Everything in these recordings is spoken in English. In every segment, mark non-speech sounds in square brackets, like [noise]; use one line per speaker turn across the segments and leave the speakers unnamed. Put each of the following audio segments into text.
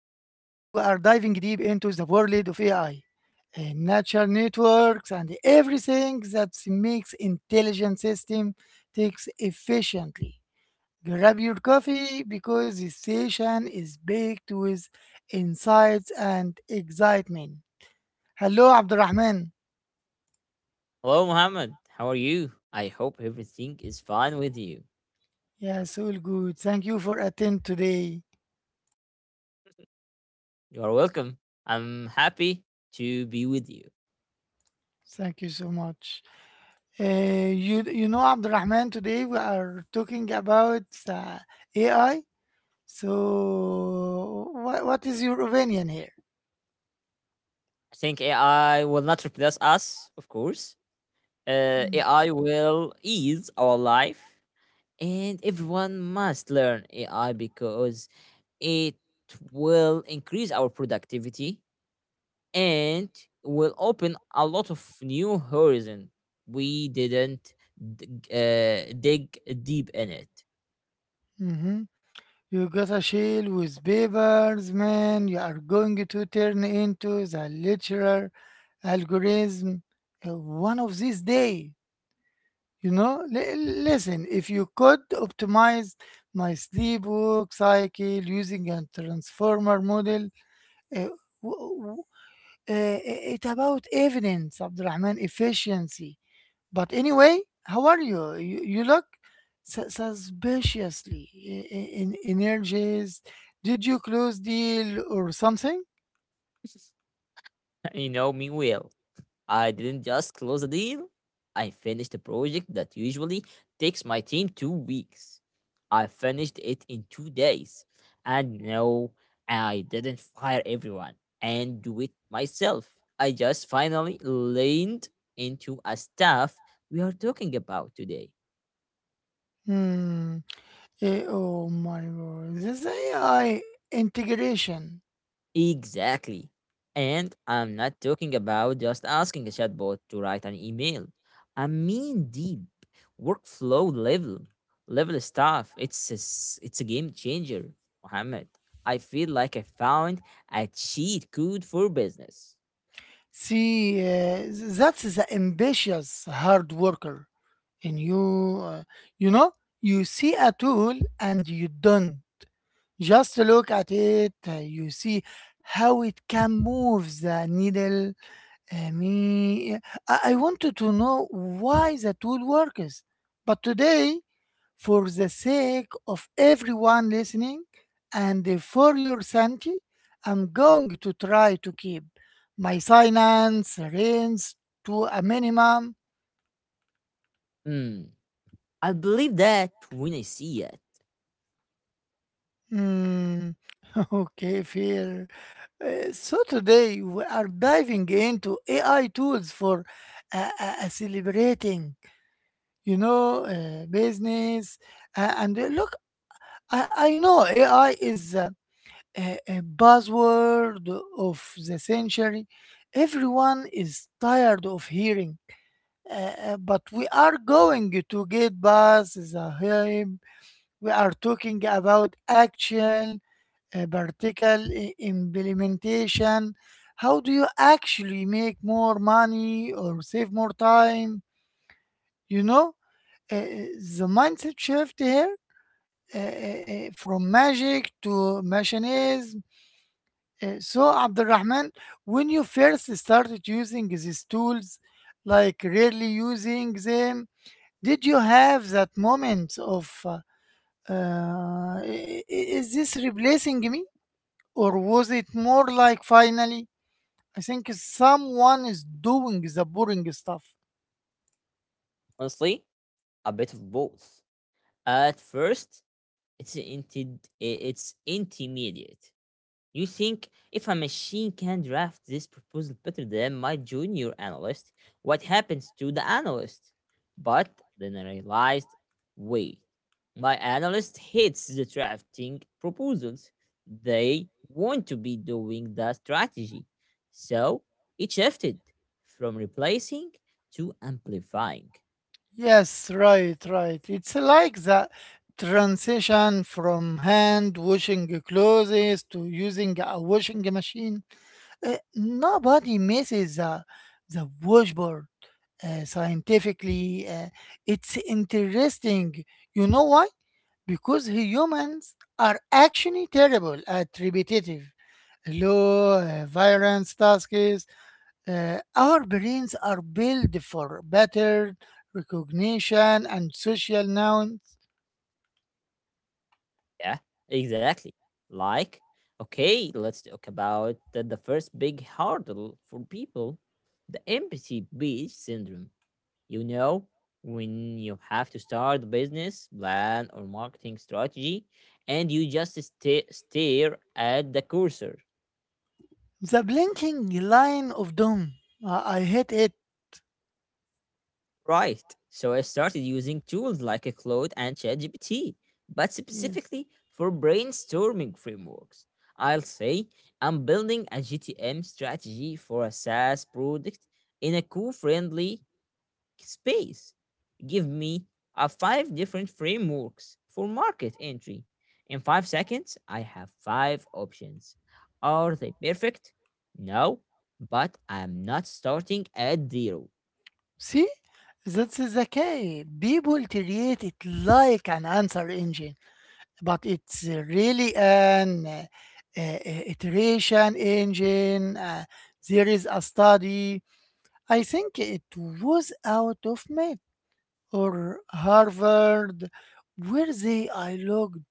diving deep into the world of AI, natural networks and everything that makes intelligent system takes efficiently. Grab your coffee because this session is baked with insights and excitement. Hello Abdurrahman.
Hello, Mohammed. How are you? I hope everything is fine with you.
Yes, all good. Thank you for attending today.
You are welcome. I'm happy to be with you.
Thank you so much. You know, Abdurrahman, today we are talking about uh, AI, so what is your opinion here?
I think AI will not replace us, of course. AI will ease our life, and everyone must learn AI because it will increase our productivity and will open a lot of new horizon we didn't dig deep in it.
Mm-hmm. You got a shield with papers, man. You are going to turn into the literal algorithm one of these day. You know, listen, if you could optimize my sleep work cycle using a transformer model, uh, w- Uh, it about evidence, Abdurrahman, efficiency. But anyway, how are you? You look suspiciously in energies. Did you close deal or something?
[laughs] You know me well. I didn't just close a deal, I finished a project that usually takes my team 2 weeks. I finished it in 2 days. And no, I didn't fire everyone and do it myself. I just finally leaned into a stuff we are talking about today.
Hmm. Oh my God! This AI integration.
Exactly. And I'm not talking about just asking a chatbot to write an email. I mean deep workflow level stuff. It's a game changer, Mohammed. I feel like I found a cheat code for business.
See, that's the ambitious hard worker in you. uh, you know, you see a tool and you done. Just look at it, you see how it can move the needle. Me, I wanted to know why the tool works. But today, for the sake of everyone listening and for your sanity, I'm going to try to keep my silence, range to a minimum.
Hmm. I believe that when I see it.
Hmm, [laughs] okay, fair. So today we are diving into AI tools for celebrating, you know, business. And Look, I know AI is a buzzword of the century. Everyone is tired of hearing, uh, but we are going to get past the hype. We are talking about action, practical implementation. How do you actually make more money or save more time? You know, uh, the mindset shift here, from magic to machinism. So, Abdurrahman, when you first started using these tools, like really using them, did you have that moment of is this replacing me, or was it more like, finally, I think someone is doing the boring stuff?
Honestly, a bit of both. At first, it's intermediate. You think if a machine can draft this proposal better than my junior analyst, what happens to the analyst? But then I realized, wait, my analyst hates the drafting proposals. They want to be doing the strategy. So it shifted from replacing to amplifying.
Yes, right, right. It's like the transition from hand washing clothes to using a washing machine. Nobody misses the washboard. Scientifically, it's interesting. You know why? Because humans are actually terrible at repetitive, low variance tasks. Our brains are built for pattern recognition and social nouns.
Yeah, exactly. Like, okay, let's talk about the first big hurdle for people, the empathy beach syndrome. You know, when you have to start a business plan or marketing strategy and you just stare at the cursor.
The blinking line of doom. I hate it.
Right. So I started using tools like a Claude and ChatGPT, but
Yes.
specifically for brainstorming frameworks. I'll say I'm building a GTM strategy for a SaaS product in a cool friendly space. Give me a five different frameworks for market entry. In 5 seconds, I have five options. Are they perfect? No, but I'm not starting at zero.
See? That's the key. People treat it like an answer engine, but it's really an uh, iteration engine. There is a study. I think it was out of Med or Harvard, where they I looked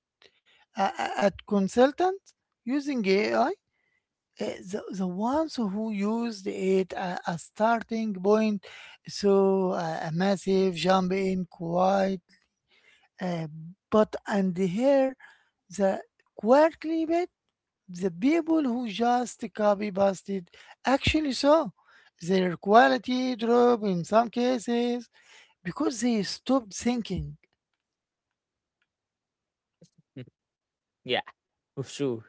at consultants using AI. Uh, the ones who used it as starting point so a massive jump in quite, uh, but and here the quarterly bit, the people who just copy pasted actually saw their quality drop in some cases because they stopped thinking.
[laughs] Yeah, for sure.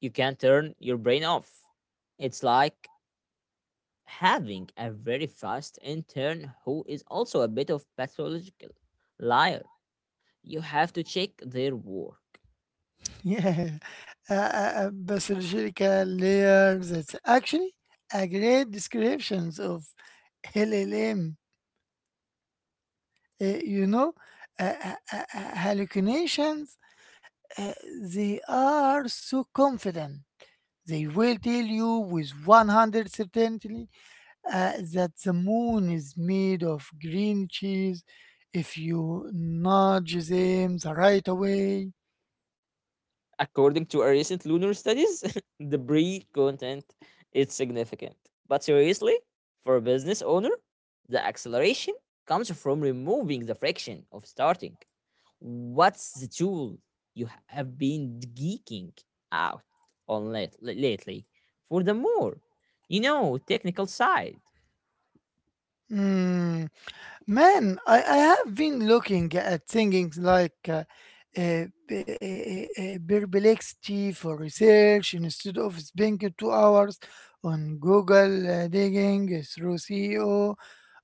You can't turn your brain off. It's like having a very fast intern who is also a bit of pathological liar. You have to check their work.
[laughs] Yeah, a basological layer. That's actually a great descriptions of LLM. You know, hallucinations, uh, they are so confident. They will tell you with 100 certainty that the moon is made of green cheese if you nudge them the right way.
According to our recent lunar studies, [laughs] the Bree content is significant. But seriously, for a business owner, the acceleration comes from removing the friction of starting. What's the tool you have been geeking out on lately for the more, you know, technical side?
Hmm. Man, I have been looking at things like perplexity for research. Instead of spending 2 hours on Google digging through SEO.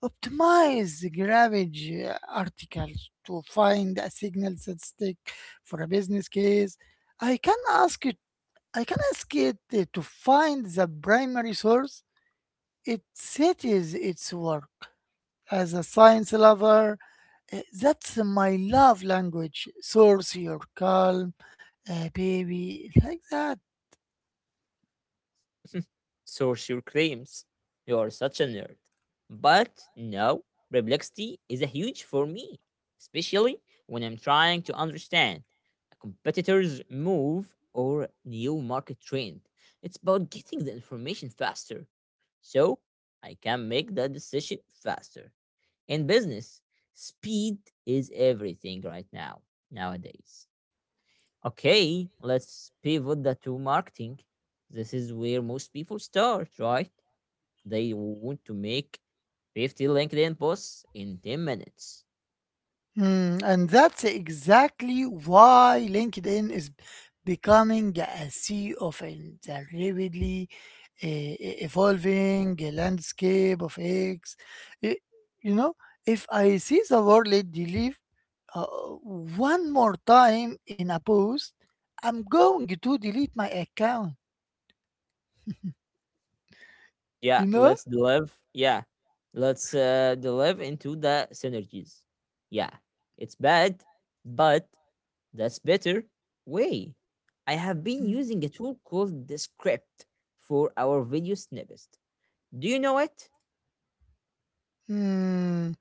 Optimize the garbage articles to find a signal that stick for a business case. I can ask it. I can ask it to find the primary source. It cites its work. As a science lover, eh, that's my love language. Source your calm, baby, like that.
Sorcerer claims, you're such a nerd. But no, perplexity is a huge for me, especially when I'm trying to understand a competitor's move or new market trend. It's about getting the information faster. So I can make that decision faster. In business, speed is everything right now, nowadays. Okay, let's pivot that to marketing. This is where most people start, right? They want to make 50 LinkedIn posts in 10 minutes.
Mm, and that's exactly why LinkedIn is becoming a sea of in the rapidly uh, evolving landscape of eggs. You know, if I see the word lady leave uh, one more time in a post, I'm going to delete my account.
Yeah,
You know?
let's delve. Yeah, let's delve into the synergies. Yeah, it's bad, but that's better way. I have been
Mm.
using a tool called the script for our video snippets. Do you know it?
Mm.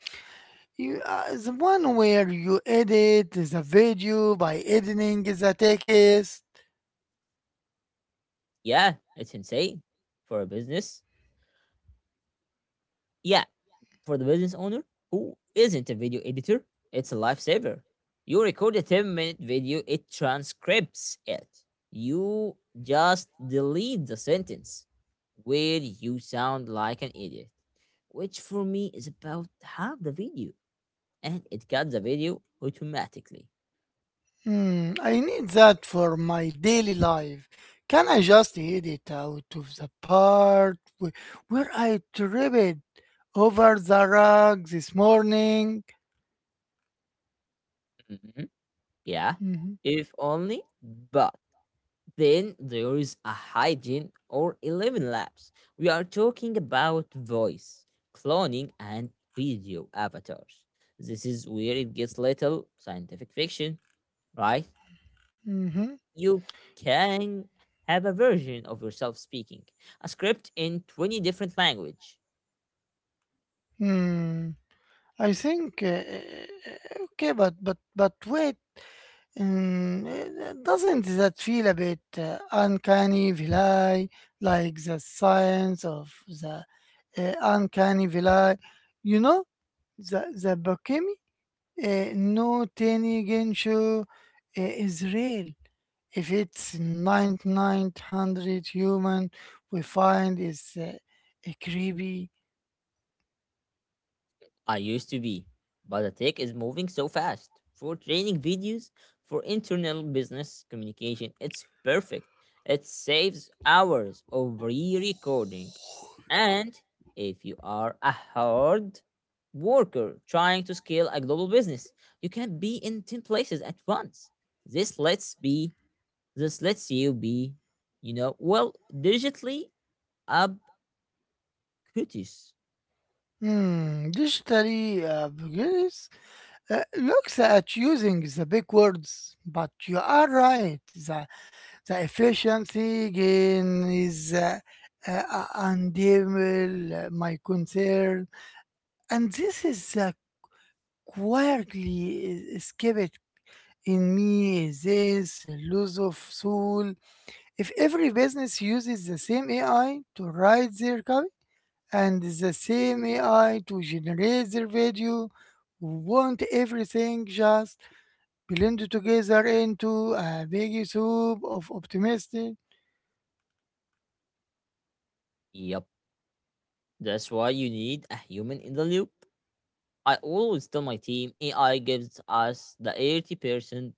You, the one where you edit the video by editing the text.
Yeah, it's insane for a business. Yeah, for the business owner who isn't a video editor, it's a lifesaver. You record a 10-minute video, it transcribes it. You just delete the sentence where you sound like an idiot, which for me is about half the video, and it cuts the video automatically.
Hmm, I need that for my daily life. Can I just edit out of the part where I tripped over the rug this morning?
Mhm. Yeah,
Mhm,
if only, but then there is a hygiene or 11 labs. We are talking about voice, cloning, and video avatars. This is where it gets little scientific fiction, right?
mhm,
You can have a version of yourself speaking a script in 20 different language.
hmm. I think okay, but wait. Doesn't that feel a bit uncanny valley, like the science of the uncanny valley? You know, the Bokemi no tiny Genshu is real. If it's 9900 human, we find is a creepy.
I used to be, but the tech is moving so fast. For training videos, for internal business communication, it's perfect. It saves hours of re recording. And if you are a hard worker trying to scale a global business, you can be in 10 places at once. This lets be this lets you be, you know, well, digitally ubiquitous.
Hmm, digitally beginners looks at using the big words, but you are right. The efficiency gain is undeniable, my concern. And this is quietly escaped in me this loss of soul. If every business uses the same AI to write their copy and the same AI to generate their video, won't everything just blend together into a big soup of optimistic?
Yep. That's why you need a human in the loop. I always tell my team AI gives us the 80%,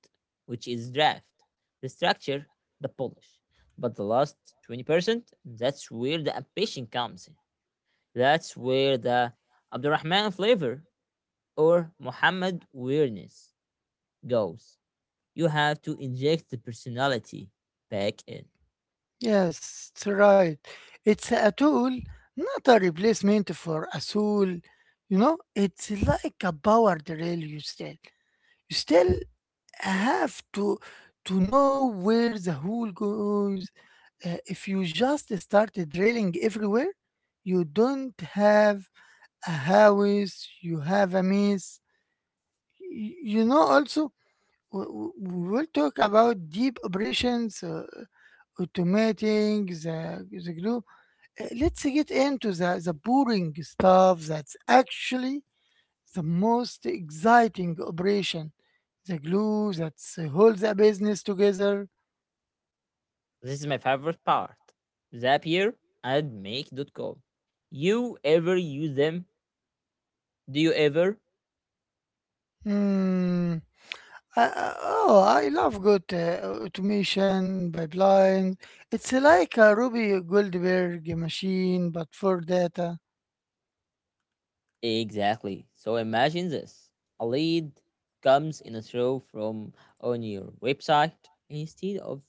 which is draft, the structure, the polish. But the last 20%, that's where the ambition comes in. That's where the Abdurrahman flavor or Muhammad weirdness goes. You have to inject the personality back in.
Yes, it's right. It's a tool, not a replacement for a soul. You know, it's like a power drill. You still have to know where the hole goes. If you just start drilling everywhere, you don't have a house. You have a maze. You know, also we will talk about deep operations, automating the the glue. Let's get into the boring stuff that's actually the most exciting operation, the glue that holds a business together.
This is my favorite part. Zapier and Make. Dot com. You ever use them? Do you ever?
Hmm. Oh, I love good automation pipeline. It's like a Ruby Goldberg machine, but for data.
Exactly. So imagine this. A lead comes in a throw from on your website instead of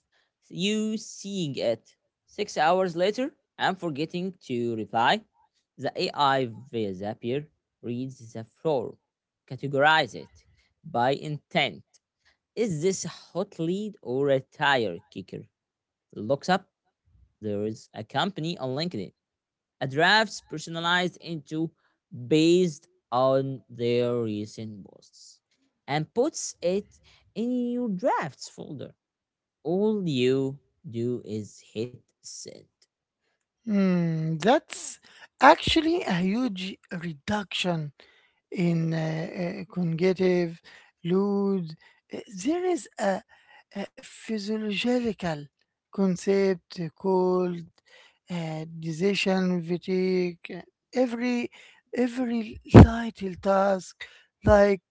you seeing it 6 hours later and forgetting to reply. The AI via Zapier reads the form, categorize it by intent. Is this a hot lead or a tire kicker? Looks up. There is a company on LinkedIn, a drafts personalized into based on their recent posts and puts it in your drafts folder. All you do is hit send.
Hmm. That's actually a huge reduction in conjunctive, lewd. There is a physiological concept called decision fatigue. Every every little task, like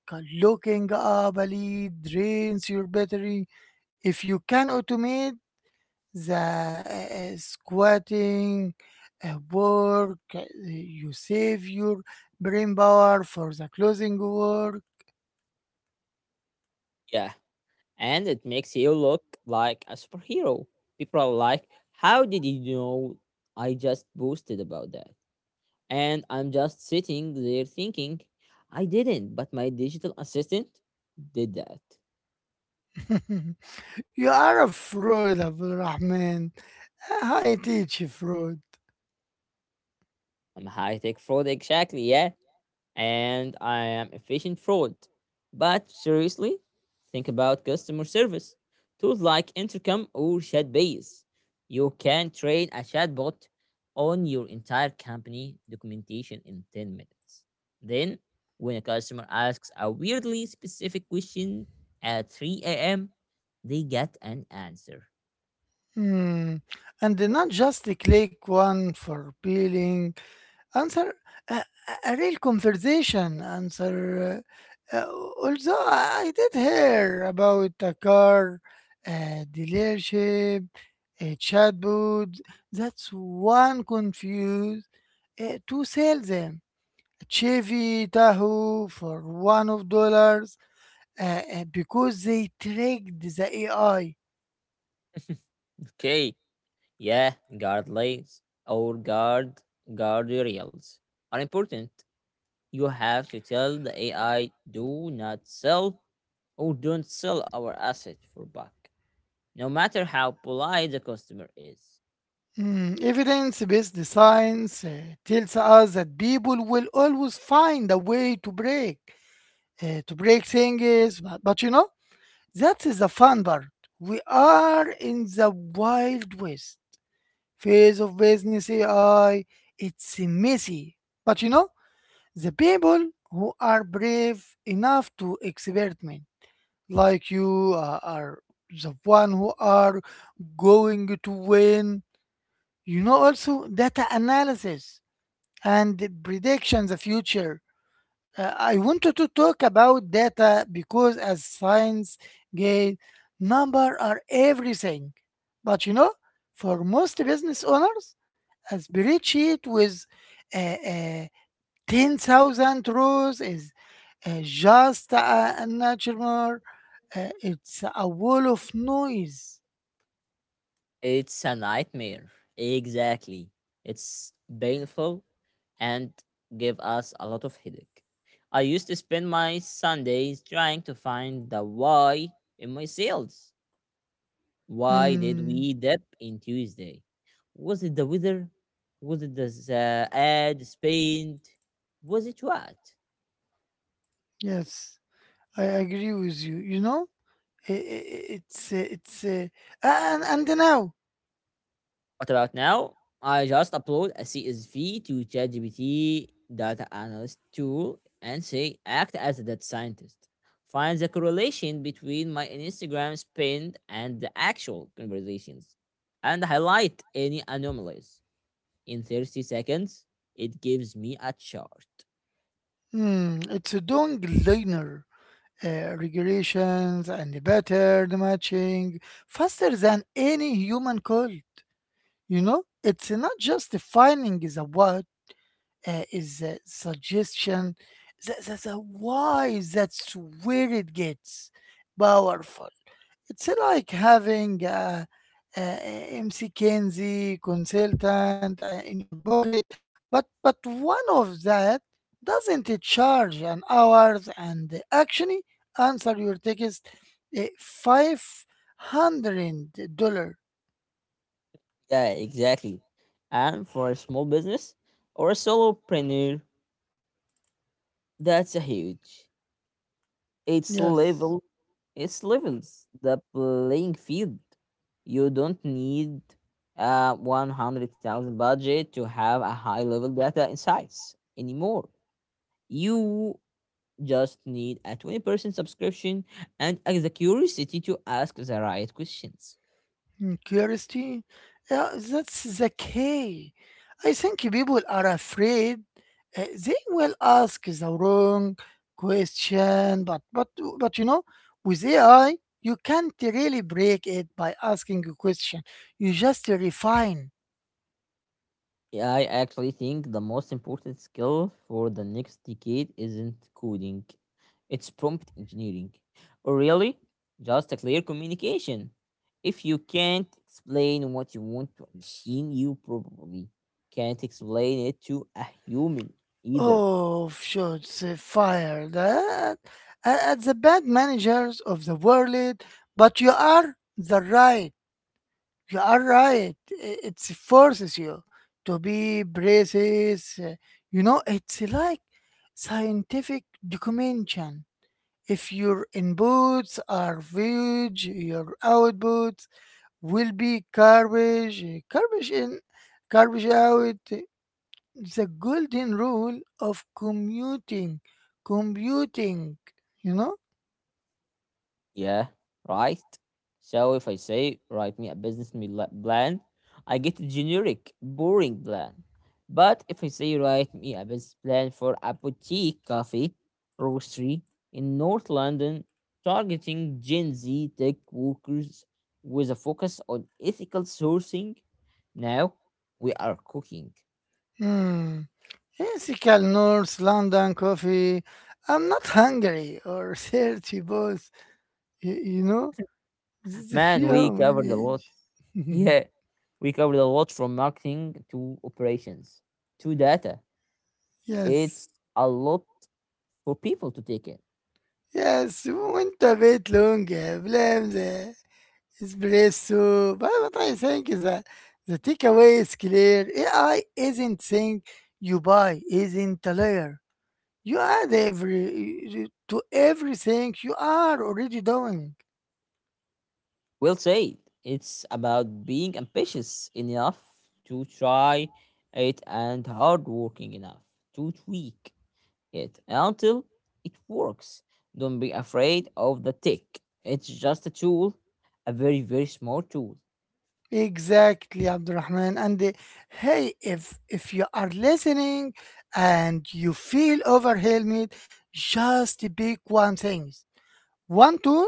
looking up a lead, drains your battery. If you can automate the squatting work, you save your brain power for the closing work.
Yeah, and it makes you look like a superhero. People are like, how did you know I just boasted about that? And I'm just sitting there thinking, I didn't, but my digital assistant did that.
[laughs] You are a fraud, Abdul Rahman. I teach fraud.
I'm high tech fraud, exactly. Yeah, and I am efficient fraud. But seriously, think about customer service. Tools like Intercom or ChatBase. You can train a chatbot on your entire company documentation in 10 minutes. Then, when a customer asks a weirdly specific question at 3 a.m., they get an answer.
Hmm. And not just click one for peeling. Answer a a real conversation answer, uh, uh, although I did hear about a car dealership, a chatbot that's one confused to sell them chevy tahoe for one of dollars because they tricked the AI.
Okay, yeah, guard or guard guardrails are important. You have to tell the AI, do not sell or don't sell our asset for back, no matter how polite the customer is.
Mm, evidence-based science tells us that people will always find a way to break things. But you know, that is the fun part. We are in the wild west phase of business AI. It's messy. But you know, the people who are brave enough to experiment, like you, are the one who are going to win. You know, also data analysis and prediction the future. I wanted to talk about data because as science gain, number are everything. But you know, for most business owners, a spreadsheet with uh, uh, 10,000 rows is just a nightmare. It's a wall of noise.
It's a nightmare. Exactly. It's painful and give us a lot of headache. I used to spend my Sundays trying to find the why in my sales. Why did
Mm,
we dip in Tuesday? Was it the weather? Was it the ad spend? Was it what?
yes, I agree with you. You know, it's and now.
What about now? I just upload a CSV to ChatGPT data analyst tool and say act as a data scientist. Find the correlation between my Instagram spend and the actual conversations and highlight any anomalies. In 30 seconds, it gives me a chart.
Hmm, it's a doing linear regressions and the pattern matching faster than any human could. You know, it's not just defining the what, is a suggestion. The why, that's where it gets powerful. It's like having a MC Kenzie consultant in your pocket, but one of that doesn't charge an hours and actually answer your text $500.
Yeah, exactly. And for a small business or a solopreneur, that's a huge. It's
Yes.
level It levels the playing field. You don't need a 100,000 budget to have a high level data insights anymore. You just need a 20% subscription and the curiosity to ask the right questions.
Mm, curiosity? Yeah, that's the key. I think people are afraid they will ask the wrong question, but you know, with AI, you can't really break it by asking a question. You just refine.
Yeah, I actually think the most important skill for the next decade isn't coding, it's prompt engineering, or really just a clear communication. If you can't explain what you want to a machine, you probably can't explain it to a human either.
Oh, shots fired at the bad managers of the world, but you are the right. You are right. It forces you to be braces. You know, it's like scientific documentation. If your inputs are huge, your outputs will be garbage, eh, garbage in, garbage out. The golden rule of commuting, computing. You know.
Yeah, right. So if I say, write me a plan, I get a generic, boring plan. But if I say, write me a business plan for a boutique coffee roastery in North London, targeting Gen Z tech workers with a focus on ethical sourcing, now we are cooking.
Hmm. Classical North London coffee. I'm not hungry or [laughs] thirsty, both. You know, the
Man, we
human
covered a lot. [laughs]
age. [laughs]
Yeah, we covered a lot, from marketing to operations to data.
yes,
It's a lot for people to take in.
yes. Went a bit longer. Blame the espresso. But what I think is that the takeaway is clear. AI isn't saying you buy, isn't a layer. You add every to everything you are already doing.
Well said. It's about being ambitious enough to try it and hardworking enough to tweak it until it works. Don't be afraid of the tick. It's just a tool, a very, very small tool.
Exactly, Abdurrahman. And hey, if you are listening and you feel overwhelmed, just pick one thing, one tool,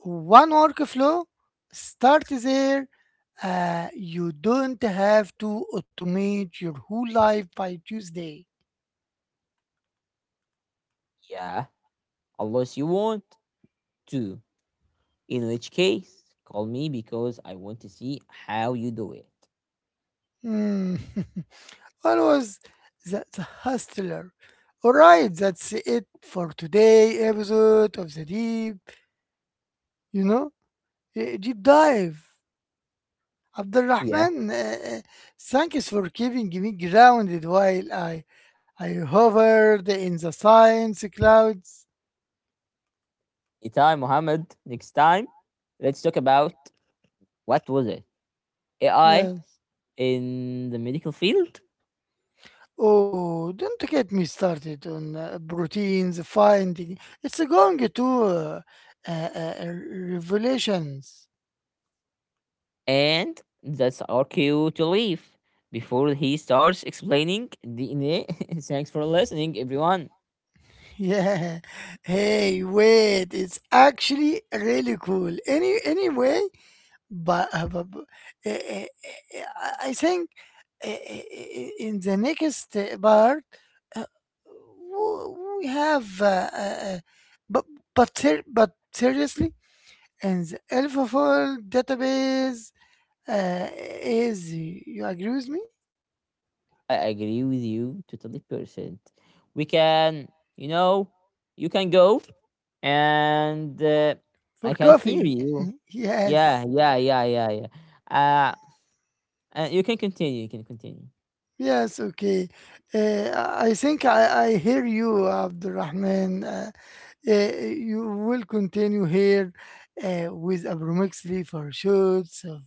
one workflow. Start there. You don't have to automate your whole life by Tuesday.
Yeah, unless you want to. In which case, call me because I want to see how you do it.
Hmm. [laughs] Always the hustler. All right, that's it for today episode of the deep. You know, a deep dive.
Yeah.
Abdulrahman, thanks for keeping me grounded while I hovered in the science clouds.
Itai, Mohammed, next time, let's talk about, what was it? AI
Yes.
in the medical field?
Oh, don't get me started on proteins finding. It's going to uh, uh, revelations.
And that's our cue to leave before he starts explaining DNA. [laughs] Thanks for listening, everyone.
Yeah. [laughs] Hey, wait. It's actually really cool. Anyway, but eh, eh, eh, eh, I think, in the next part. uh, we have uh, uh, but but seriously, and the alpha database uh, is, you agree with me?
I agree with you totally percent. We can, you know, you can go and
For
I can hear
coffee.
you.
[laughs]
Yeah,
Yes.
yeah, yeah, yeah, yeah. Uh, and you can continue. You can continue.
Yes, okay. I think I hear you, Abdurrahman. You will continue here with abromixly for shoots of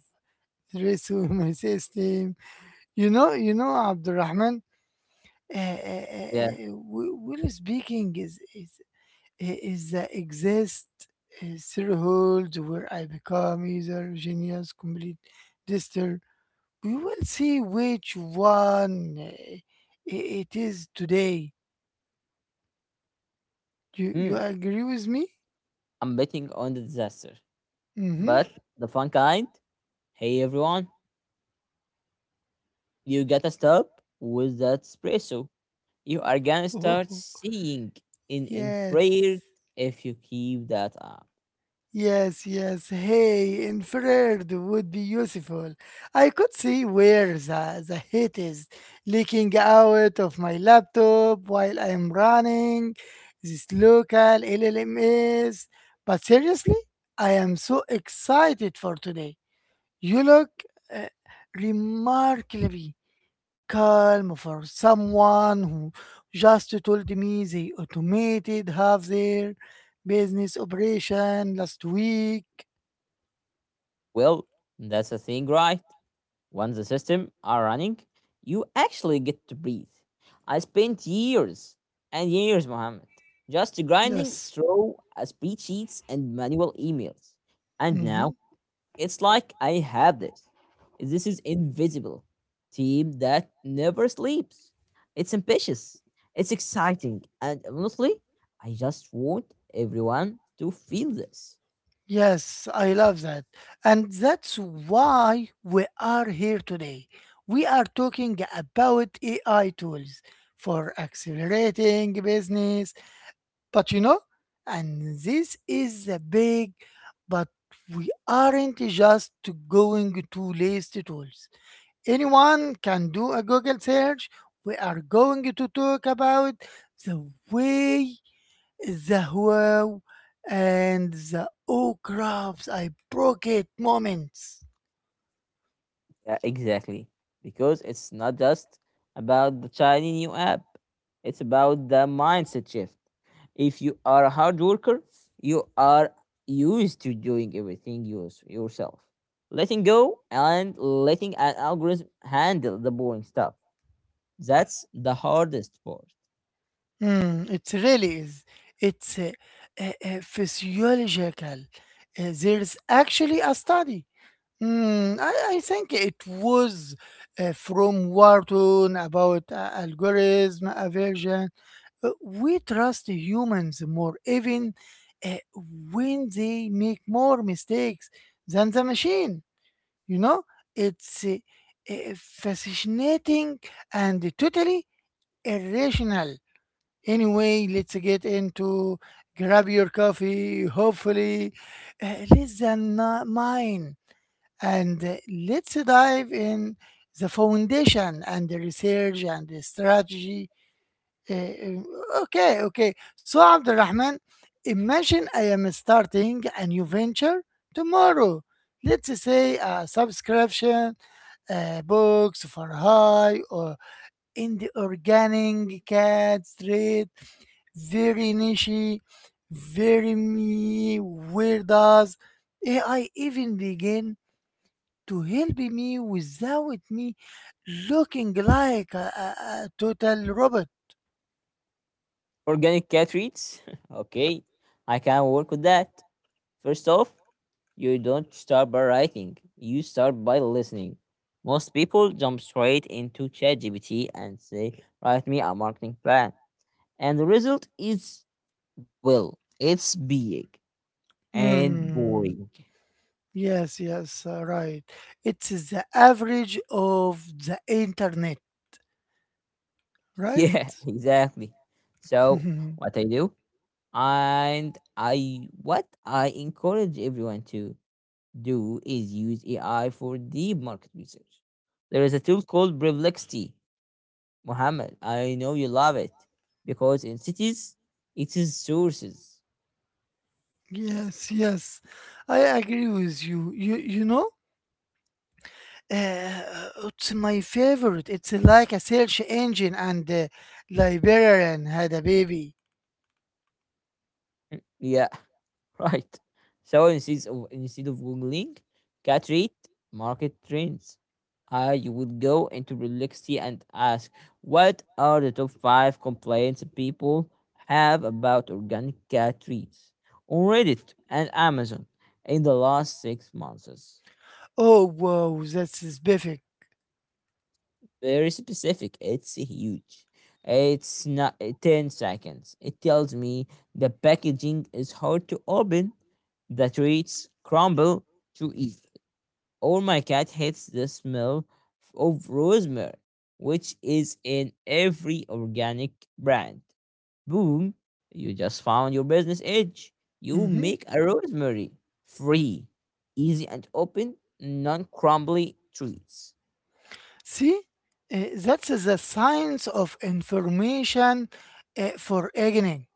stress in [laughs] my system. You know, Abdurrahman,
Yeah.
we're speaking is the exist threshold where I become either genius, complete disaster. We will see which one it is today. You
Mm,
agree with me?
I'm betting on the disaster, but the fun kind. Hey, everyone. You gotta stop with that espresso. You are gonna start
Mm-hmm.
seeing in
[laughs] Yes.
infrared if you keep that up.
Yes, yes. Hey, inferred would be useful. I could see where the heat is leaking out of my laptop while I'm running this local LLMs. But seriously, I am so excited for today. You look uh, remarkably calm for someone who just told me they automated half their business operation last week.
Well, that's the thing, right? Once the system are running, you actually get to breathe. I spent years and years, Mohammed, just grinding
Yes.
through spreadsheets and manual emails. And
Mhm.
now it's like I have this. This is invisible team that never sleeps. It's ambitious. It's exciting. And honestly, I just want everyone to feel this.
Yes, I love that. And that's why we are here today. We are talking about AI tools for accelerating business. But you know, and this is a big but, we aren't just going to list tools. Anyone can do a Google search. We are going to talk about the way the wow and the oh crafts I broke it moments.
Yeah, exactly. Because it's not just about the shiny new app, it's about the mindset shift. If you are a hard worker, you are used to doing everything yours, yourself. Letting go and letting an algorithm handle the boring stuff. That's the hardest part.
Hmm, it really is. It's physiological. There's actually a study. Hmm. I think it was from Wharton about algorithm aversion. We trust humans more, even uh, when they make more mistakes than the machine. You know, it's fascinating and totally irrational. Anyway, let's get into, grab your coffee, hopefully less than mine. And let's dive in the foundation and the research and the strategy. Uh, uh, okay, okay. So, Abdurrahman, imagine I am starting a new venture tomorrow. Let's say a subscription box for high or in the organic cat trade, very niche, very me. Where does AI even begin to help me without me looking like a total robot.
Organic cat treats? [laughs] Okay, I can work with that. First off, you don't start by writing, you start by listening. Most people jump straight into ChatGPT and say, write me a marketing plan. And the result is, well, it's big and
Hmm.
boring. [laughs]
Yes, yes, right. It's the average of the internet,
Yeah,
right?
exactly. So,
[laughs]
what I do, and I what I encourage everyone to do is use AI for deep market research. There is a tool called Perplexity Muhammad, I know you love it because in cities it is sources.
Yes, yes. I agree with you. You know, uh, it's my favorite. It's like a search engine and the librarian had a baby.
Yeah, [laughs] right. So instead of googling cat rate market trends, you would go into Relixy and ask what are the top five complaints people have about organic cat treats on Reddit and Amazon in the last 6 months.
Oh, wow, that's perfect.
Very specific. It's huge. It's not 10 seconds. It tells me the packaging is hard to open, the treats crumble to eat, or my cat hates the smell of rosemary, which is in every organic brand. Boom, you just found your business edge. You
Mhm.
make a rosemary free, easy and open, non crumbly treats.
See, that's the science of information for aging.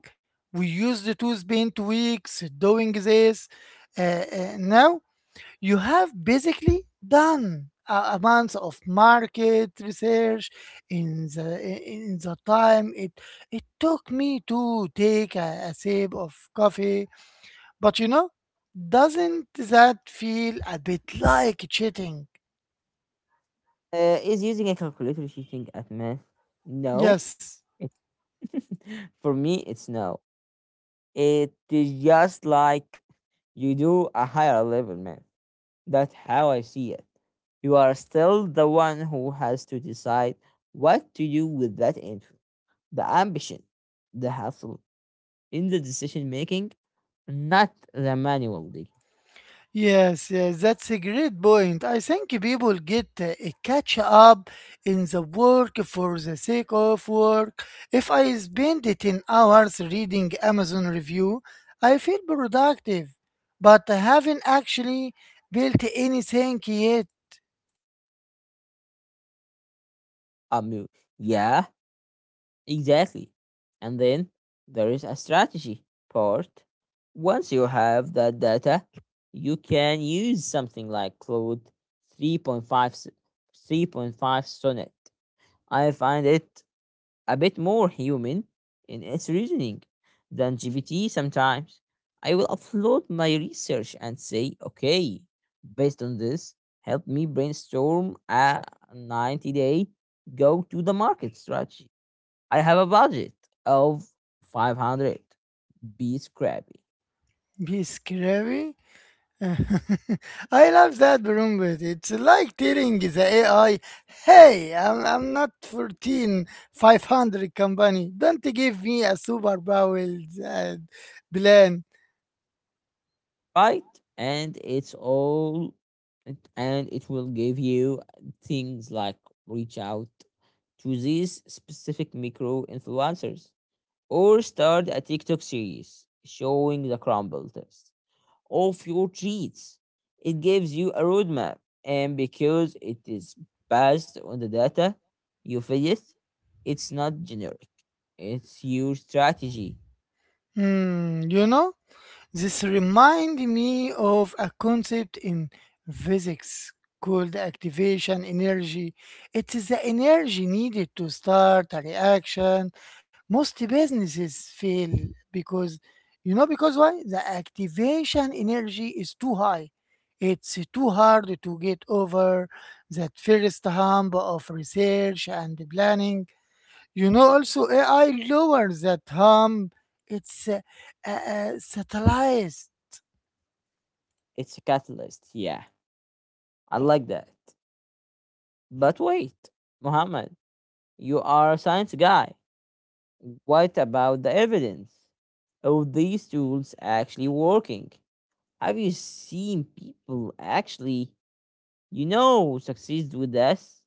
We used to spend weeks doing this. Uh, Now you have basically done a month of market research in the in the time it took me to take a sip of coffee. But you know, doesn't that feel a bit like cheating?
Is using a calculator cheating at math? No.
Yes.
[laughs] For me, it's no. It is just like you do a higher level math. That's how I see it. You are still the one who has to decide what to do with that info. The ambition, the hustle in the decision making, not the manual digging.
Yes, yes, that's a great point. I think people get a catch up in the work for the sake of work. If I spend 10 hours reading Amazon review, I feel productive, but I haven't actually built anything yet.
Am you. Yeah, exactly. And then there is a strategy part. Once you have that data, you can use something like Claude 3.5 s- 3.5 Sonnet. I find it a bit more human in its reasoning than GPT sometimes. I will upload my research and say, okay, based on this, help me brainstorm a 90-day go to the market strategy. I have a budget of 500, be scrappy,
Be scary. [laughs] I love that, Brumbit. It's like telling the AI, hey, I'm not 14, 500 company. Don't give me a superpower uh, plan.
right? And and it will give you things like reach out to these specific micro influencers or start a TikTok series showing the crumble test of your treats. It gives you a roadmap, and because it is based on the data you feed it, it's not generic, it's your strategy.
Hmm, you know? This reminds me of a concept in physics called activation energy. It is the energy needed to start a reaction. Most businesses fail because, you know, because why? The activation energy is too high. It's too hard to get over that first hump of research and planning, you know, also AI lowers that harm. It's satellites.
It's a catalyst. Yeah, I like that. But wait, Mohammed, you are a science guy. What about the evidence? Are these tools actually working? Have you seen people actually, you know, succeed with this?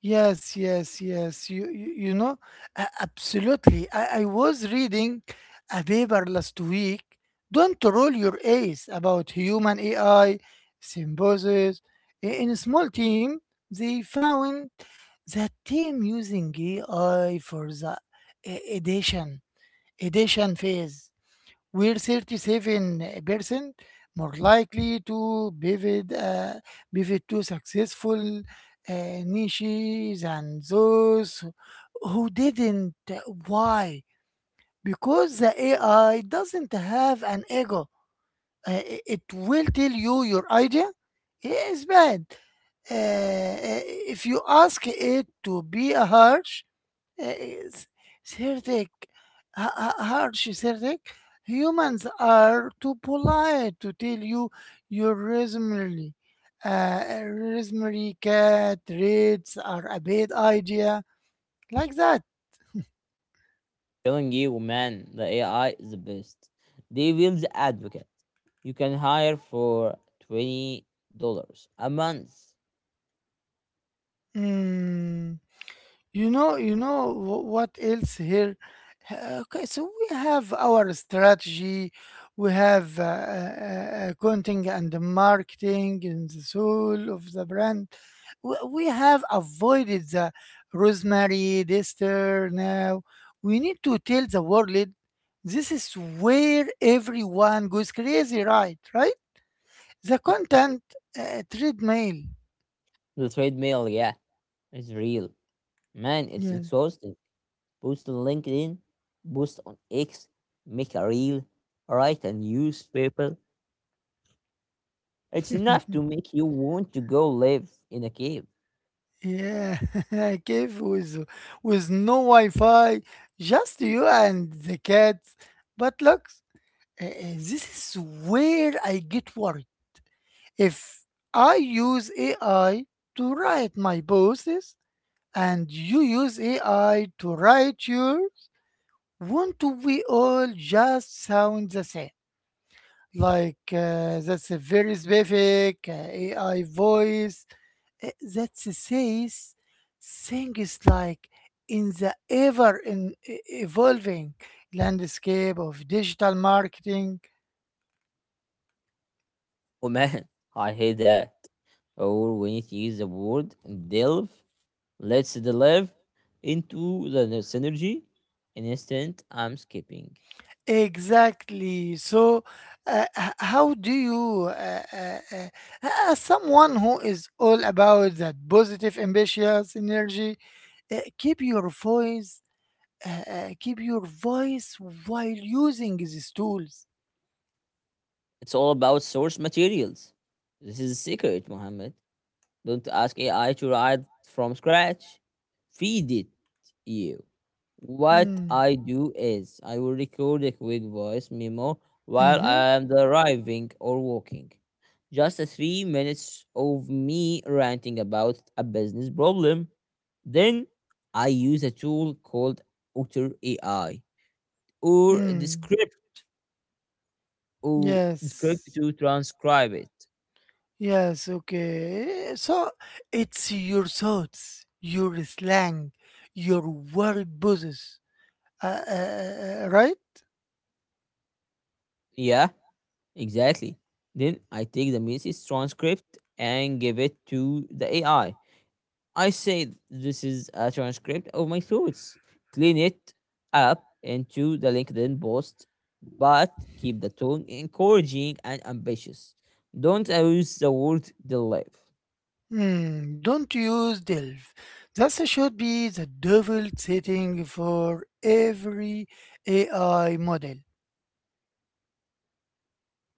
Yes, yes, yes. You know, absolutely. I was reading a paper last week. Don't roll your A's about human AI symbiosis. In a small team, they found that team using AI for the uh, edition edition phase we're 37% more likely to pivot, to successful niches and those who didn't. Why? Because the AI doesn't have an ego. It will tell you your idea is bad. Uh, uh, if you ask it to be a harsh, uh, Serdek, Serdek, humans are too polite to tell you your resume. Resume cat rates are a bad idea, like that.
Telling you, man, the AI is the best. They will the advocate. You can hire for $20 a month.
Mm. You know, what else here? Okay, so we have our strategy, we have content and the marketing and the soul of the brand. We have avoided the rosemary dester now. We need to tell the world, this is where everyone goes crazy, right? Right? The
[laughs]
content treadmill.
The treadmill, yeah, it's real. Man, it's
Yeah.
exhausting. Post on LinkedIn, post on X, make a reel, write a newspaper. It's enough to
[laughs]
make you want to go live in a cave.
Yeah, [laughs] cave with no Wi-Fi, just you and the cat. But look, uh, uh, this is where I get worried. If I use AI to write my posts and you use AI to write yours, won't we all just sound the same? Like that's a very specific AI voice that says things like, in the ever, evolving landscape of digital marketing.
Oh man, [laughs] I hate that. Or we need to use the word delve. Let's delve into the synergy. An instant, I'm skipping.
Exactly, so how do you as someone who is all about that positive ambitious energy, uh, keep your voice keep your voice while using these tools.
It's all about source materials. This is a secret, Mohammed. Don't ask AI to write from scratch. Feed it you. What
Mm.
I do is I will record a quick voice memo while I
Mm-hmm.
am driving or walking. Just a 3 minutes of me ranting about a business problem. Then I use a tool called Otter AI or the
Mm.
script
Yes.
to transcribe it.
Yes, okay. So it's your thoughts, your slang, your word poses, uh, uh, right?
Yeah. Exactly. Then I take the message transcript and give it to the AI. I say this is a transcript of my thoughts. Clean it up into the LinkedIn post, but keep the tone encouraging and ambitious. Don't use the word "delive."
Hmm, don't use delve. That should be the default setting for every AI model.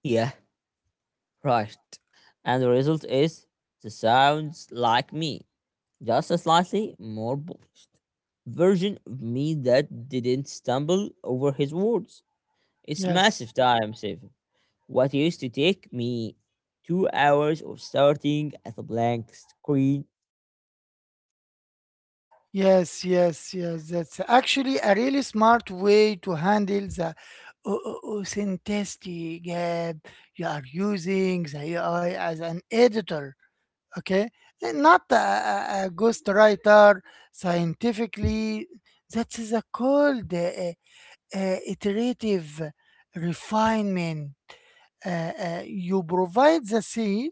Yeah, right. And the result is the sounds like me, just a slightly more polished version of me that didn't stumble over his words. It's
Yes,
massive time saving. What used to take me 2 hours of starting at a blank screen,
yes, yes, yes. That's actually a really smart way to handle the authenticity gap. You are using the AI as an editor, okay, not a, a ghostwriter. Scientifically, that is a called iterative refinement. You provide the seed,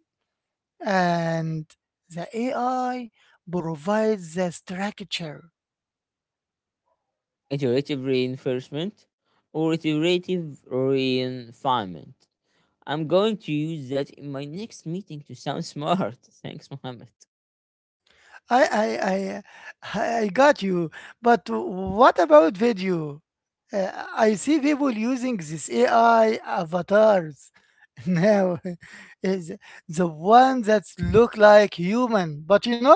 and the AI provides the structure.
iterative reinforcement, or iterative refinement. I'm going to use that in my next meeting to sound smart. [laughs] Thanks, Mohammed.
I, I i I got you, but what about video? uh, I see people using this AI avatars. No, [laughs] is the one that look like human, but you know,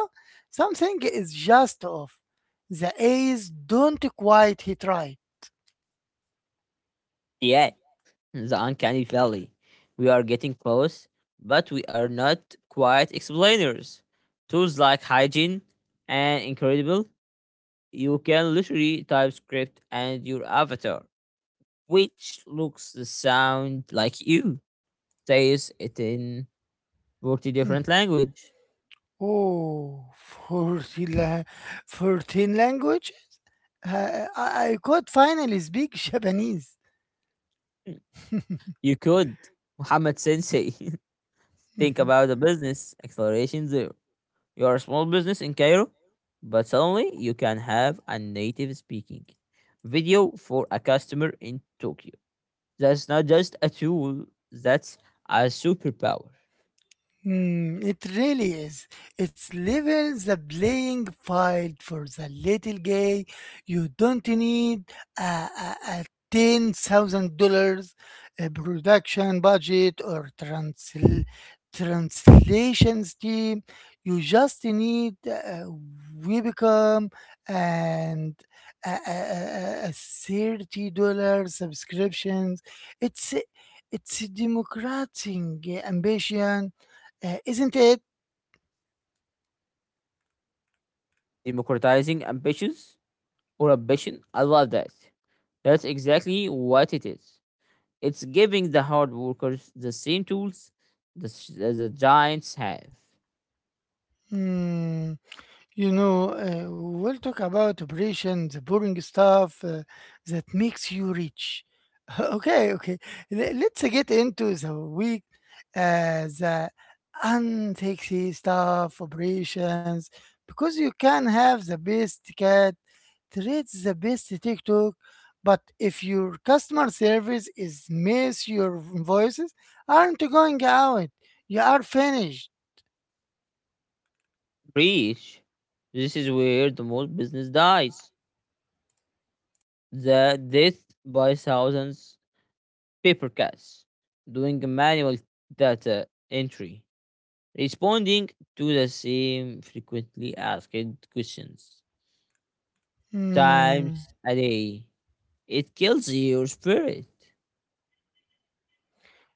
something is just off. The A's don't quite hit right.
Yeah, the uncanny valley. We are getting close, but we are not quite explainers. Tools like hygiene and incredible, you can literally type script and your avatar, which looks the sound like you, says it in 40
Hmm.
different language.
Oh, forty la- 14 languages? I could finally speak Japanese.
Hmm. You could, Muhammad Sensei, [laughs] think
[laughs]
about a business acceleration zero. You are a small business in Cairo, but suddenly you can have a native speaking video for a customer in Tokyo. That's not just a tool, that's a superpower.
Mm, it really is. It's levels the playing field for the little guy. You don't need a, a $10,000 production budget or translations team. You just need we become and a, a, a $30 subscriptions. It's it's democratic ambition, isn't it?
Democratizing ambitions or ambition, I love that. That's exactly what it is. It's giving the hard workers the same tools as the giants have.
Mm, you know, we'll talk about operation, the boring stuff that makes you rich. [laughs] Okay, okay. Let's get into the week, the unsexy stuff, operations, because you can have the best cat, trades the best TikTok, but if your customer service is miss, your voices aren't going out. You are finished.
Preach. This is where the most business dies. The death by thousands paper cuts, doing manual data entry, responding to the same frequently asked questions
Hmm.
times a day. It kills your spirit.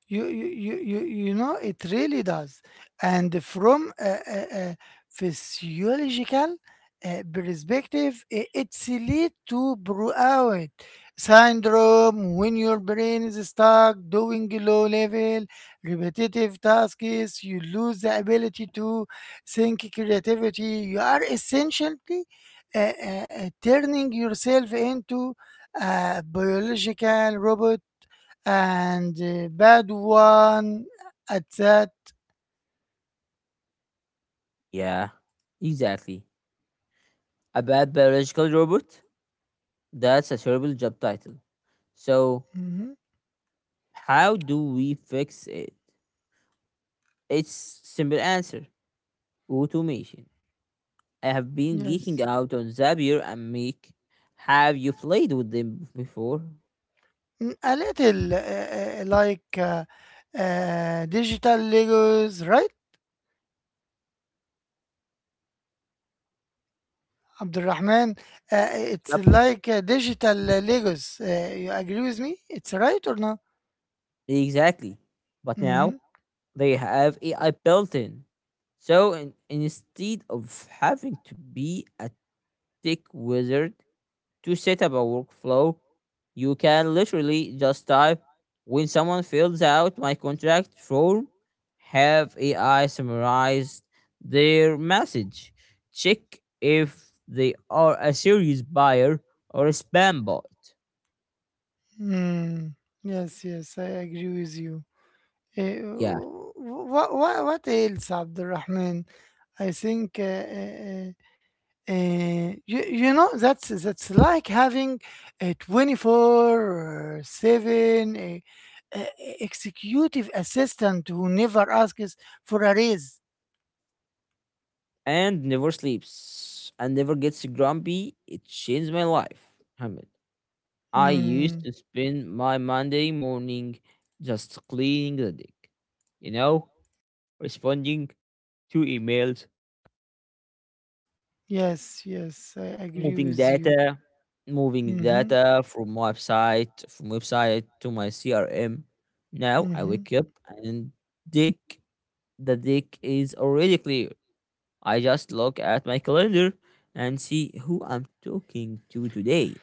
You know it really does, and from a physiological perspective, it's lead to burnout syndrome. When your brain is stuck doing low level repetitive tasks, you lose the ability to think creativity. You are essentially uh, turning yourself into a biological robot, and bad one at that.
Yeah, exactly. A bad biological robot. That's a terrible job title. So,
Mhm.
how do we fix it? It's simple answer. Automation. I have been geeking
Yes.
out on Zapier and Make. Have you played with them before?
Mm, a little like digital Legos, right? Abdurrahman, it's
Yep.
like digital Legos. You agree with me? It's right or not?
Exactly. But now
Mm-hmm.
they have AI built in. So instead of having to be a tech wizard, to set up a workflow, you can literally just type when someone fills out my contract form, have AI summarize their message, check if they are a serious buyer or a spam bot.
Mm. Yes, yes, I agree with you.
Yeah,
What, what else, Abdurrahman? I think. Uh, uh, you, you know that's like having a 24/7 executive assistant who never asks for a raise.
and never sleeps and never gets grumpy. It changed my life, Hamid. I used
Mm,
to spend my Monday morning just cleaning the deck, you know, responding 2 emails,
yes, yes, I agree
moving
with you.
data, moving
Mm-hmm.
data from website to my CRM. Now I
Mm-hmm.
wake up and dick dick is already clear. I just look at my calendar and see who I'm talking to today.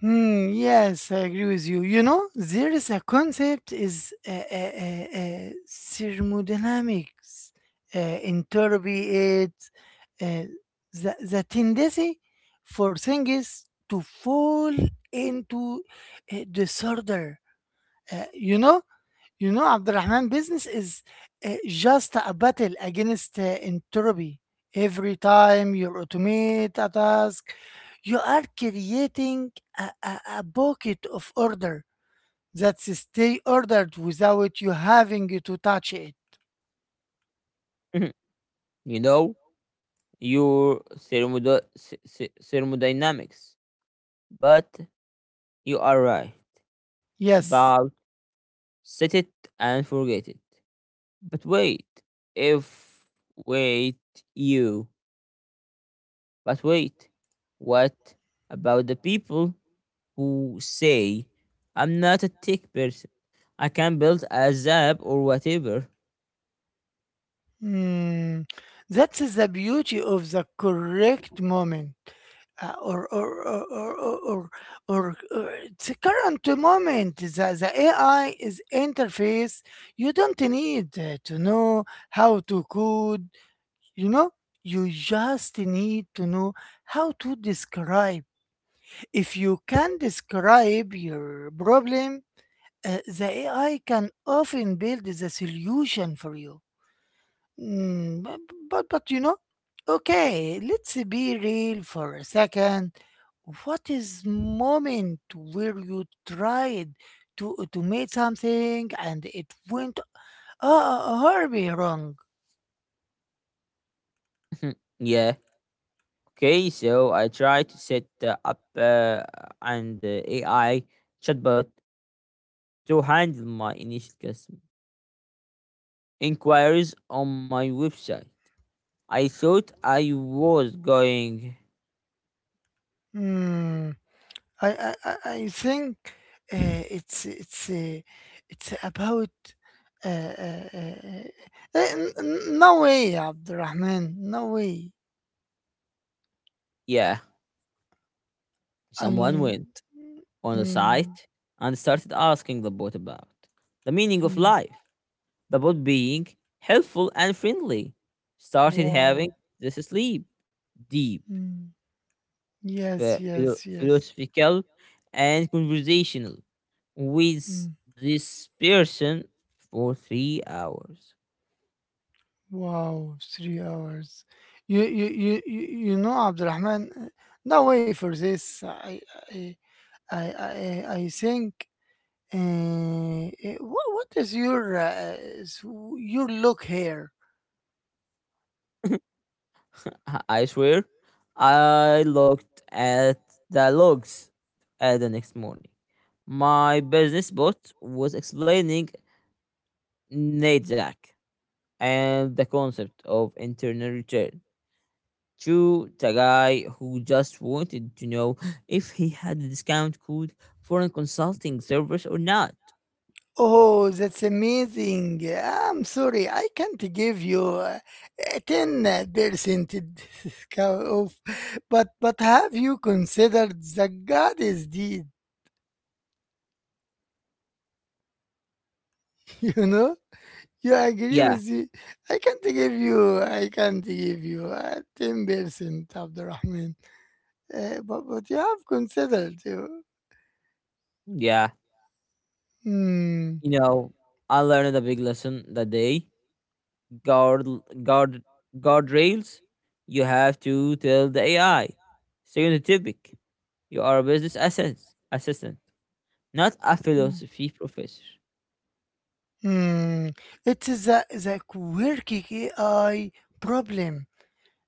Hmm, yes, I agree with you. You know, there is a concept is thermodynamics in therapy. It's uh, the tendency for things to fall into disorder. Uh, you know, you know, Abdurrahman, business is just a battle against entropy. Every time you automate a task, you are creating a bucket of order that stay ordered without you having to touch it.
Mhm. You know your thermodynamics, but you are right. It's
Yes.
about set it and forget it. But wait, if wait you But wait, what about the people who say, I'm not a tech person, I can build a app or whatever?
Mm, that's the beauty of the correct moment, uh, or, or, or, or, or, or, or the current moment. The AI is interface. You don't need to know how to code. You know, you just need to know how to describe. If you can describe your problem, the AI can often build the solution for you. Mm, but, but you know, okay, let's be real for a second. What is moment where you tried to automate something and it went horribly wrong?
[laughs] Yeah, okay, so I tried to set up an AI chatbot to handle my initial customer inquiries on my website. I thought I was going,
Mm, I think it's it's about. Uh, uh, uh, no way, Abdurrahman. No way.
yeah, someone
I'm.
went on the
Mm,
site and started asking the bot about the meaning of
no.
life about being helpful and friendly, started having
Wow.
this sleep deep,
Mm. Yes, yes, yes.
philosophical, and conversational with
Mm.
this person for 3 hours.
Wow, 3 hours. You know, Abdurrahman, no way for this. I, I think. What is your, your look here?
[laughs] [laughs] I swear, I looked at the logs at the next morning. My business bot was explaining NADAC and the concept of internal return to the guy who just wanted to know if he had a discount code for a consulting service or not.
Oh, that's amazing. I'm sorry, I can't give you a 10% discount off, but have you considered the goddess deed? [laughs] You know? You agree
Yeah,
with me? I can't give you 10%, Abdurrahman. But you have considered. You.
yeah.
Hmm.
You know, I learned a big lesson that day. guard guard guardrails, you have to tell the AI. Stay the topic. You are a business assistant, not a
Hmm.
philosophy professor.
Hmm. It's the quirky AI problem.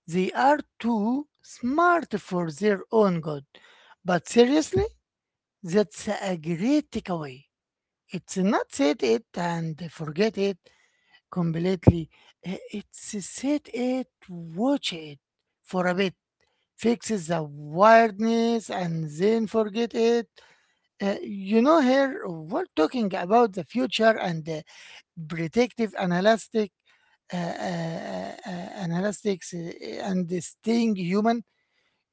They are too smart for their own good. But seriously, that's a great takeaway. It's not set it and forget it completely. It's set it, watch it for a bit, fixes the weirdness, and then forget it. You know, here we're talking about the future and the predictive analytic, analytics, and staying human.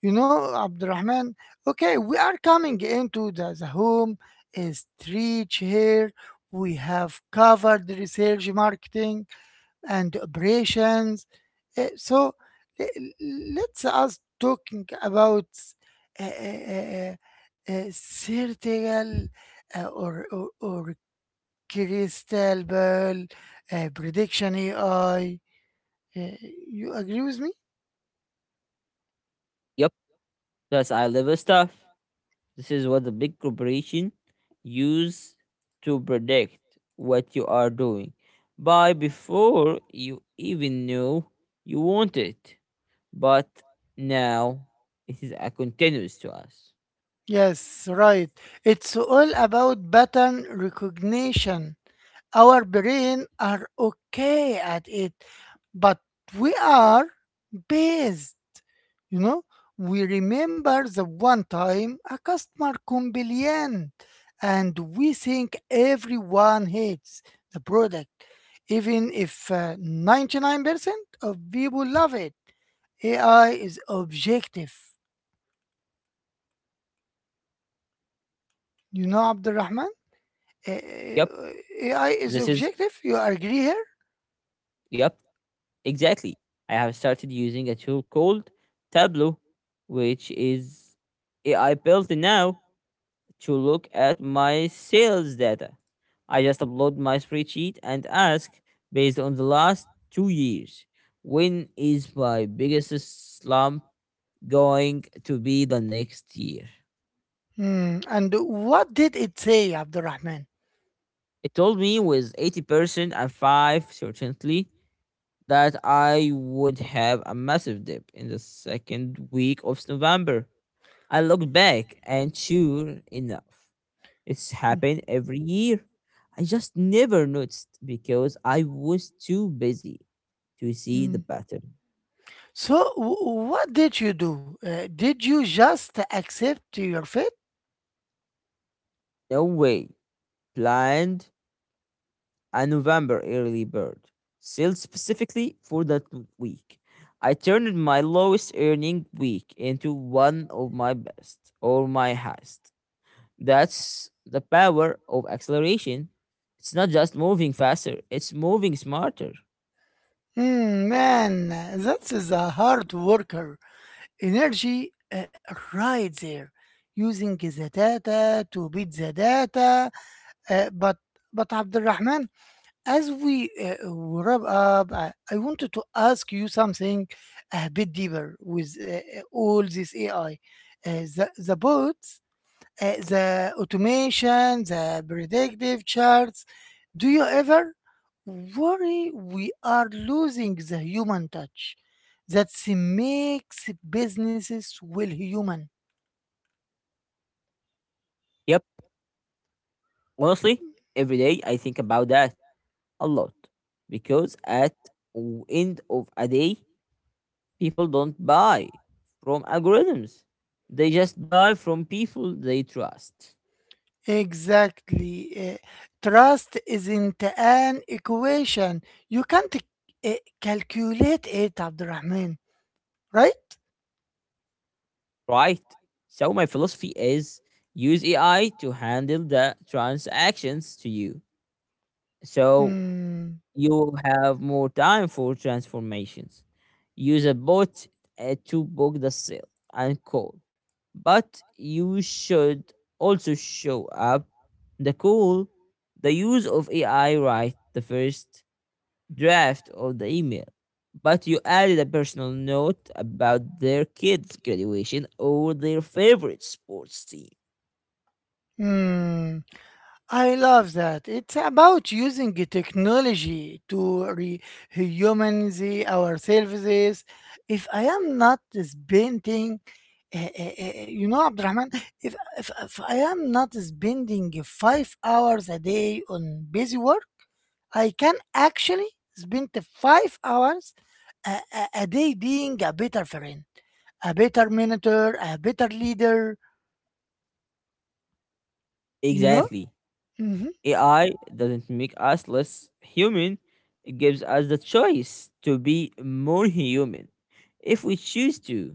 You know, Abdurrahman, okay, we are coming into the home stretch here. We have covered the research, marketing, and operations. So let's us talking about uh, uh, uh, certain, or crystal ball, prediction AI. Uh, you agree with me?
Yep, that's eye level stuff. This is what the big corporation use to predict what you are doing. By before you even knew you want it. But now it is a continuous to us.
Yes, right. It's all about pattern recognition. Our brain are okay at it, but we are based, you know. We remember the one time a customer complained and we think everyone hates the product, even if 99% of people love it. AI is objective. You know, Abdurrahman? Uh,
Yep,
AI is
this is
objective, you agree here?
yep, exactly. I have started using a tool called Tableau, which is AI built now to look at my sales data. I just upload my spreadsheet and ask based on the last 2 years, when is my biggest slump going to be the next year?
Hmm, and what did it say, Abdurrahman?
It told me with 80% and 5 certainty that I would have a massive dip in the second week of November. I look back and sure enough, it's happened every year. I just never noticed because I was too busy to see
Hmm.
the pattern.
So, what did you do? Did you just accept your fate?
No way. Planned a November early bird sale specifically for that week. I turned my lowest earning week into one of my best or my highest. That's the power of acceleration. It's not just moving faster, it's moving smarter.
Hmm, man, that is a hard worker. Energy right there, using the data to beat the data. But but Abdulrahman, as we wrap up, I wanted to ask you something a bit deeper with all this AI, the bots, the automation, the predictive charts. Do you ever worry we are losing the human touch that makes businesses well human?
Yep. Honestly, every day I think about that a lot because at end of a day, people don't buy from algorithms. They just buy from people they trust,
Exactly. Trust isn't an equation. You can't calculate it, Abdurrahman, right?
right? So my philosophy is use AI to handle the transactions to you. So
Hmm.
you have more time for transformations. Use a bot to book the sale and call. But you should also show up the call, the use of AI write the first draft of the email. But you added a personal note about their kids' graduation or their favorite sports team.
Hmm. I love that. It's about using the technology to humanize our services. If I am not spending, painting, you know, Abdurrahman, if I am not spending 5 hours a day on busy work, I can actually spend 5 hours a day being a better friend, a better mentor, a better leader, you know?
Exactly.
Mm-hmm.
AI doesn't make us less human, it gives us the choice to be more human if we choose to.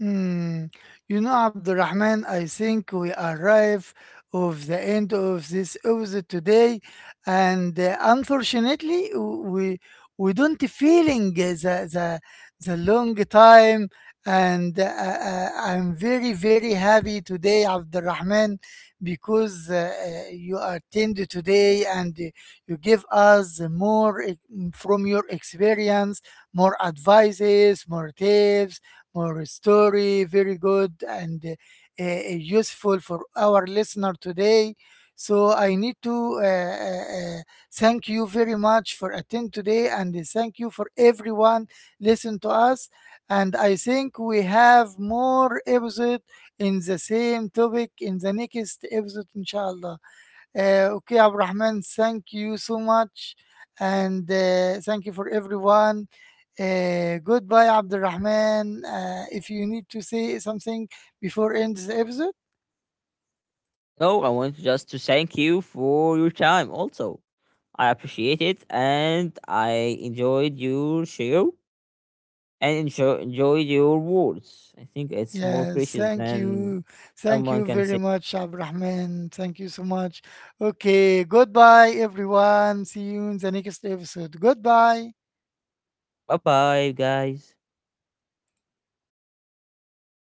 Hmm. You know, Abdurrahman, I think we arrive of the end of this episode today, and unfortunately, we don't feeling the long time, and I'm very, very happy today, Abdurrahman, because you attended today, and you give us more from your experience, more advices, more tips, more story, very good, and useful for our listener today. So I need to thank you very much for attend today, and thank you for everyone listen to us. And I think we have more episode in the same topic in the next episode, inshallah. Okay, Abrahman, thank you so much. And thank you for everyone. Goodbye, Abdurrahman. If you need to say something before end the episode,
So I want just to thank you for your time also. I appreciate it and I enjoyed your show and enjoyed your words. I think it's more
yes,
precious
thank
than
you. Thank
someone
you
can
very
say.
much, Abdurrahman. Thank you so much. Okay, goodbye, everyone. See you in the next episode. Goodbye.
Bye bye, guys.